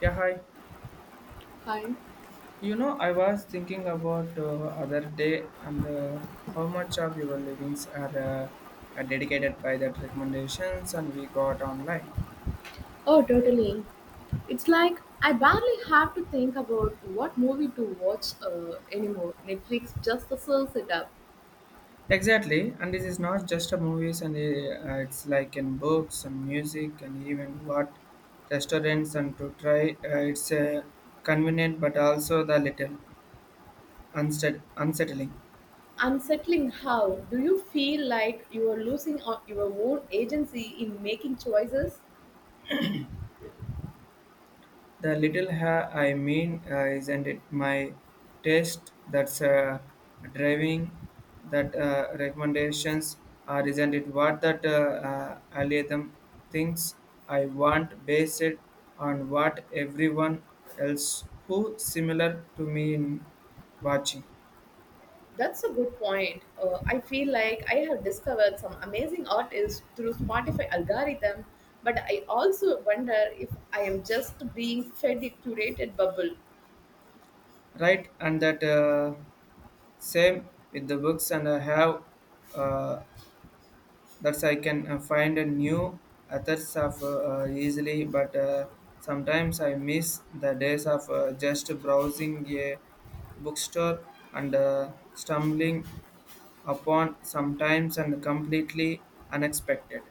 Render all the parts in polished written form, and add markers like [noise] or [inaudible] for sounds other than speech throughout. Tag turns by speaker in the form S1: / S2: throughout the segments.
S1: Yeah, hi.
S2: Hi.
S1: I was thinking about other day and how much of your livings are dedicated by that recommendations and we got online.
S2: Oh, totally. It's like I barely have to think about what movie to watch anymore. Netflix just serves it up.
S1: Exactly, and this is not just a movies and it's like in books and music and even what restaurants and to try. It's convenient but also the little unsettling.
S2: Unsettling, how do you feel? Like you are losing your own agency in making choices?
S1: The little ha I mean, isn't it my taste that's driving that recommendations, or isn't it what that algorithm thinks I want based on what everyone else who similar to me in watching,
S2: That's a good point. I feel like I have discovered some amazing artists through Spotify algorithm, but I also wonder if I am just being fed a curated bubble.
S1: right? And that same with the books, and I have. Uh, that's I can find a new authors of easily, but sometimes I miss the days of just browsing a bookstore and stumbling upon sometimes and completely unexpected.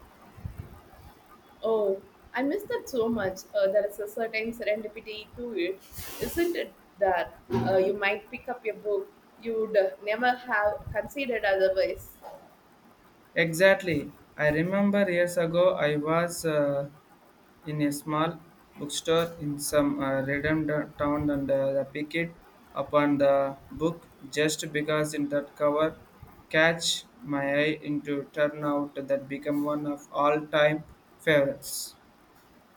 S2: Oh, I miss that so much. There is a certain serendipity to it, isn't it? That you might pick up a book you'd never have considered otherwise.
S1: Exactly, I remember years ago I was. In a small bookstore in some random town and I picked it upon the book just because in that cover catch my eye into turn out that become one of all time favorites.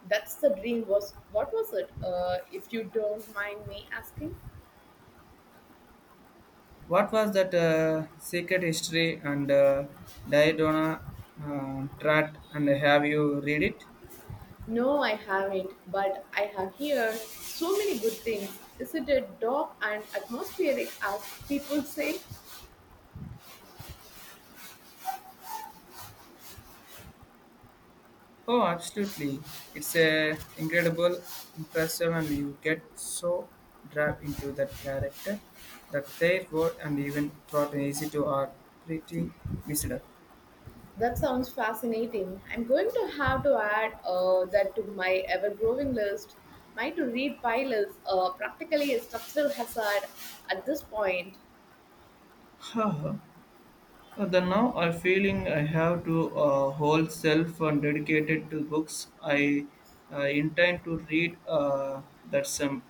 S2: That's the dream. Was, what was it? If you don't mind me asking.
S1: What was that secret history and Diodona Trat and have you read it?
S2: No, I haven't, but I have heard so many good things. Isn't it dark and atmospheric, as people say?
S1: Oh, absolutely. It's a incredible, impressive, and you get so drawn into that character that their word and even thought easy to are pretty missed up.
S2: That sounds fascinating. I'm going to have to add that to my ever growing list. My to read pile is practically a structural hazard at this point.
S1: Haha. The now I feeling I have to whole self and dedicated to books. I intend to read that some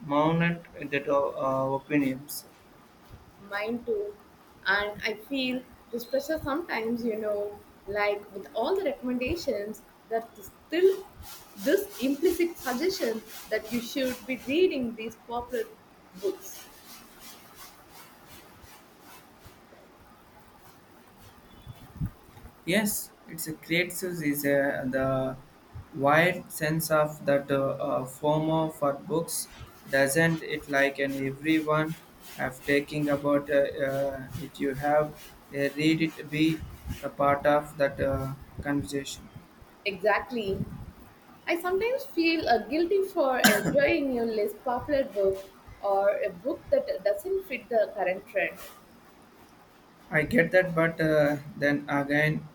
S1: mountain that opinions.
S2: Mine too. And I feel this pressure sometimes, you know, like with all the recommendations, that is still this implicit suggestion that you should be reading these popular books.
S1: Yes, it's a great source is the wide sense of that FOMO for books doesn't it like and everyone have taking about it you have read it be the part of that conversation.
S2: Exactly. I sometimes feel guilty for enjoying a less popular book or a book that doesn't fit the current trend.
S1: I get that, but then again,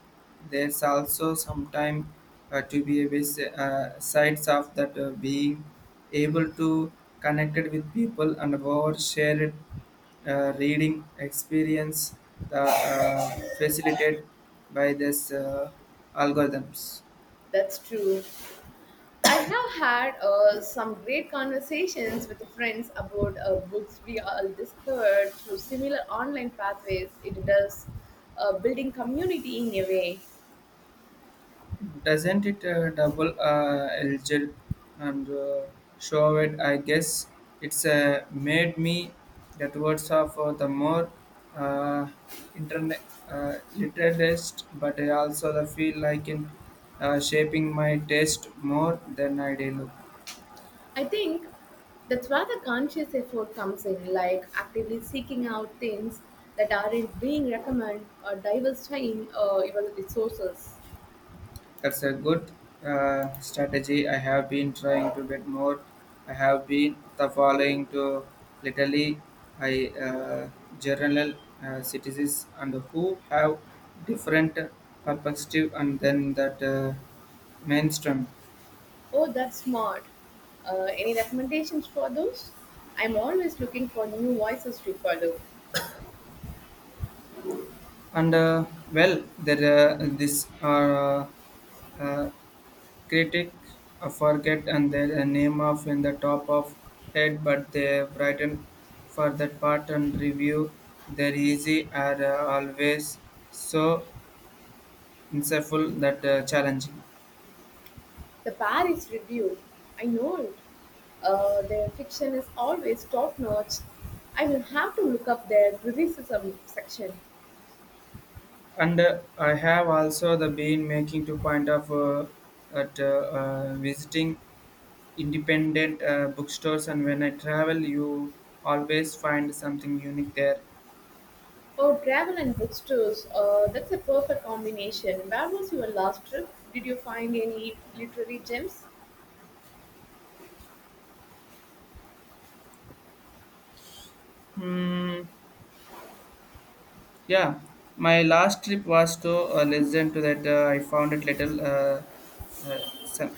S1: there's also sometime to be a bit, sides of that being able to connect it with people and over share it reading experience the, facilitated by this algorithms.
S2: That's true. I have had some great conversations with friends about books we all discovered through similar online pathways. It does building community in a way.
S1: Doesn't it double eligible and show it? I guess it's made me that words of the more uh, internet literalist, but I also the feel like in shaping my taste more than I do.
S2: I think that's where the conscious effort comes in, like actively seeking out things that aren't being recommended or diversifying your resources.
S1: That's a good strategy. I have been trying to get more. I have been the following to literally I journal citizens and who have different perspective and then that mainstream.
S2: Oh, that's smart. Any recommendations for those? I'm always looking for new voices to follow.
S1: And well there this uh, Critic, Critics forget and their name off in the top of head but they written for that part and review their easy are always so insightful that challenging.
S2: The Paris Review, I know it. Their fiction is always top notch. I will have to look up their criticism section.
S1: And I have also the been making to point of at visiting independent bookstores and when I travel you always find something unique there.
S2: Oh, travel and bookstores, that's a perfect combination. Where was your last trip? Did you find any literary gems?
S1: Hmm, yeah, my last trip was to a lesson to that I found it little uh, se-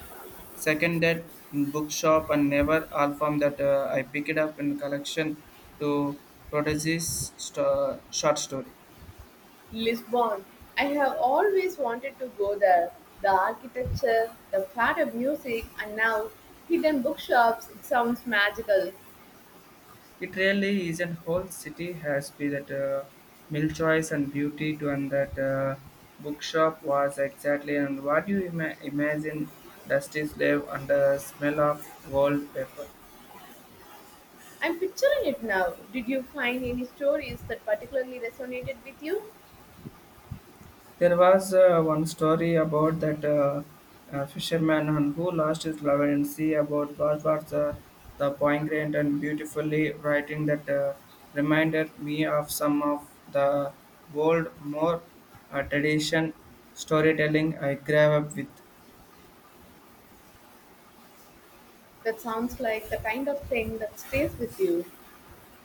S1: seconded in bookshop and never all from that I picked it up in collection to Prodigy's short story.
S2: Lisbon. I have always wanted to go there. The architecture, the fad of music, and now hidden bookshops. It sounds magical.
S1: It really is a whole city has been that milk choice and beauty to and that bookshop was exactly and what you imagine dusty slave and the smell of old paper.
S2: I'm picturing it now. Did you find any stories that particularly resonated with you?
S1: There was one story about that fisherman and who lost his love and sea about was the poignant and beautifully writing that reminded me of some of the old, more tradition storytelling I grew up with.
S2: That sounds like the kind of thing that stays with you.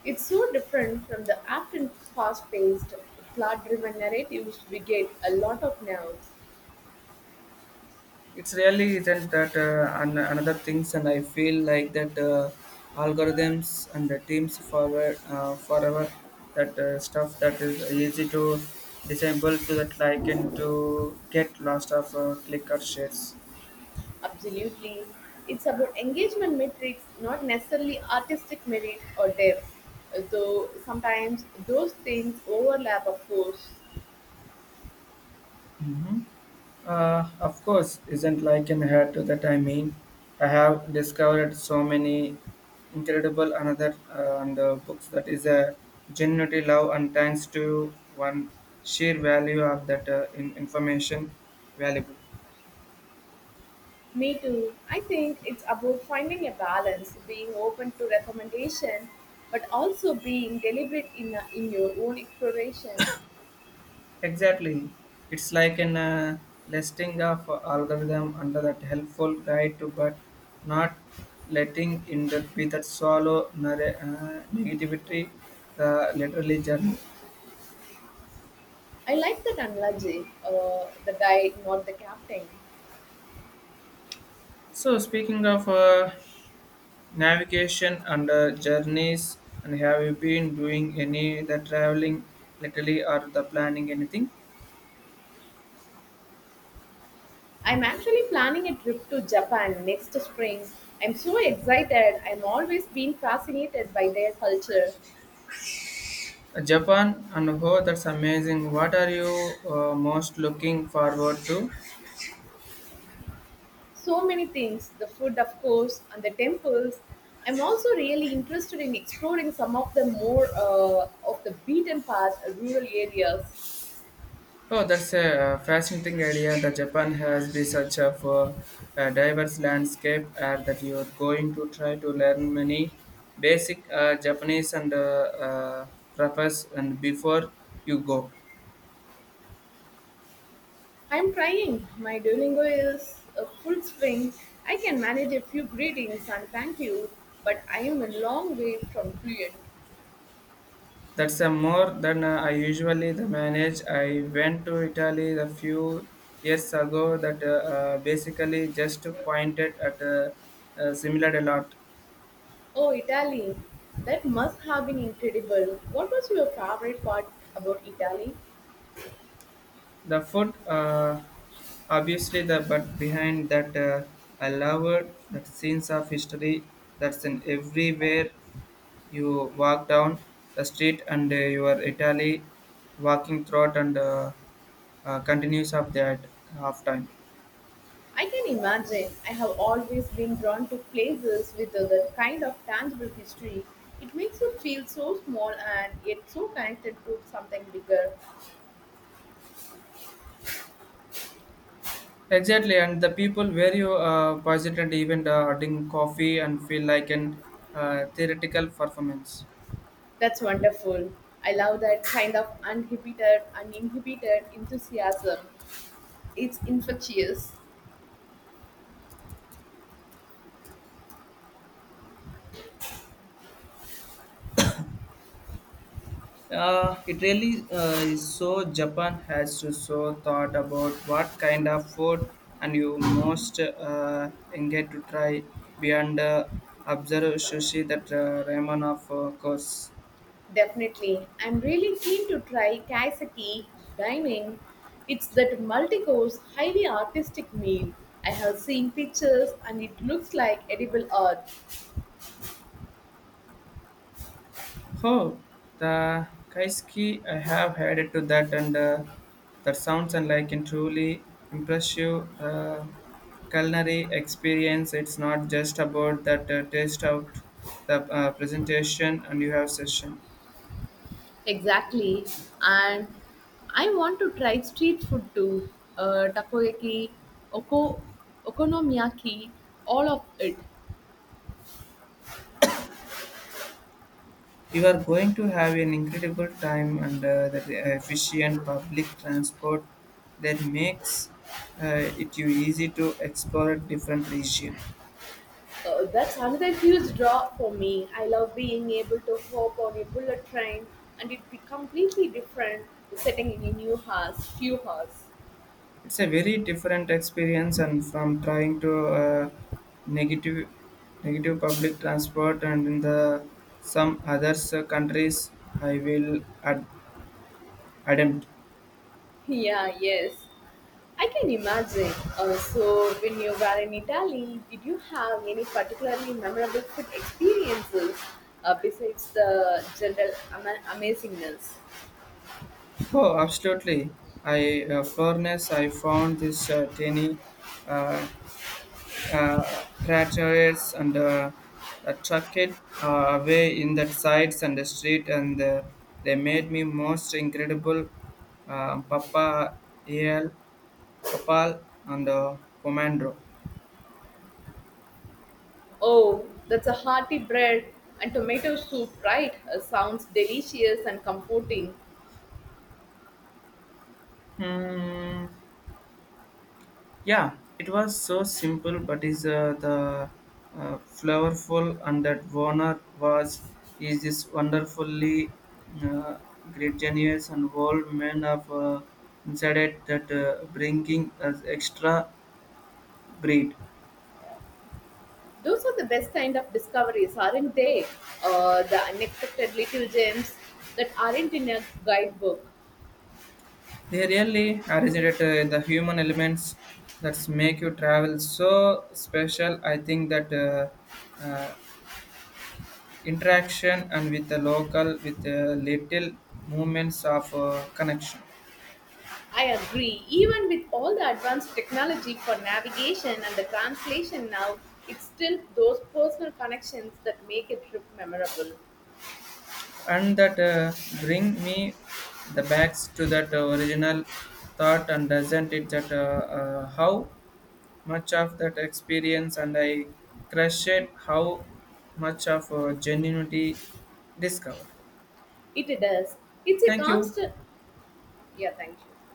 S2: It's so different from the often fast paced, plot driven narratives we get a lot of now.
S1: It's really isn't that another things and I feel like that algorithms and the teams forward forever that stuff that is easy to disable to that like and to get lost of click or shares.
S2: Absolutely. It's about engagement metrics, not necessarily artistic merit or depth. Though sometimes those things overlap, of course.
S1: Hmm. Of course, isn't like in hair to that I mean. I have discovered so many incredible another and books that is a genuinely love and thanks to one sheer value of that information valuable.
S2: Me too. I think it's about finding a balance, being open to recommendation, but also being deliberate in your own exploration.
S1: Exactly, it's like an listing of algorithm under that helpful guide to but not letting in that be that solo negativity the literally journey.
S2: I like that analogy, the guide, not the captain.
S1: So, speaking of navigation and journeys, and have you been doing any the traveling lately or the planning anything?
S2: I'm actually planning a trip to Japan next spring. I'm so excited. I'm always been fascinated by their culture.
S1: Japan and oh, that's amazing. What are you most looking forward to?
S2: So many things, the food of course, and the temples. I'm also really interested in exploring some of the more of the beaten path rural areas.
S1: Oh, that's a fascinating idea. The Japan has be such a diverse landscape that you are going to try to learn many basic Japanese and preface and before you go.
S2: I'm trying. My Duolingo is a full swing. I can manage a few greetings and thank you, but I am a long way from fluent.
S1: That's more than I usually the manage. I went to Italy a few years ago that basically just pointed at similar a lot.
S2: Oh, Italy. That must have been incredible. What was your favorite part about Italy?
S1: The food, obviously, the but behind that, I loved that scenes of history that's in everywhere you walk down the street and you are Italy walking throughout and continues of that half time.
S2: I can imagine. I have always been drawn to places with that kind of tangible history. It makes you feel so small and yet so connected to something bigger.
S1: Exactly, and the people where you visit and even drink coffee and feel like an theoretical performance.
S2: That's wonderful. I love that kind of uninhibited enthusiasm. It's infectious.
S1: It really is so Japan has to so thought about what kind of food and you most engage to try beyond observe sushi that ramen of course.
S2: Definitely. I'm really keen to try kaiseki dining. It's that multi-course, highly artistic meal. I have seen pictures and it looks like edible art.
S1: Oh, the Kaiski, I have heard to that, and that sounds and like and truly impressive. The culinary experience, it's not just about that taste out the presentation and you have session.
S2: Exactly. And I want to try street food too. Takoyaki, oko, okonomiyaki, all of it.
S1: You are going to have an incredible time and that efficient public transport that makes uh, it you easy to explore a different region.
S2: That's another huge draw for me. I love being able to hop on a bullet train and it be completely different setting in a new house, few house. [laughs]
S1: It's a very different experience and from trying to negative negative public transport and in the some other countries I will ad- attempt.
S2: Yeah, yes. I can imagine. So when you were in Italy, did you have any particularly memorable food experiences besides the general amazingness?
S1: Oh, absolutely. I Florence, I found this tiny uh, tractors and trucked uh, away in that sides and the street and they made me most incredible papa al Papal and the Pomandro.
S2: Oh, that's a hearty bread and tomato soup, right? Sounds delicious and comforting.
S1: Hmm. Yeah, it was so simple, but is the flavorful and that Warner was is this wonderfully uh, great genius and world man of inside it that bringing as extra breed.
S2: Those are the best kind of discoveries, aren't they? The unexpected little gems that aren't in a guidebook.
S1: They really originated the human elements that make you travel so special. I think that. Uh, interaction and with the local with little moments of connection
S2: I agree. Even with all the advanced technology for navigation and the translation now, it's still those personal connections that make a trip memorable.
S1: and that bring me the backs to that original thought and doesn't it that how much of that experience and I crushed it how much of genuinity discovered.
S2: It does. It's a
S1: Thank you.
S2: constant. Yeah, thank you.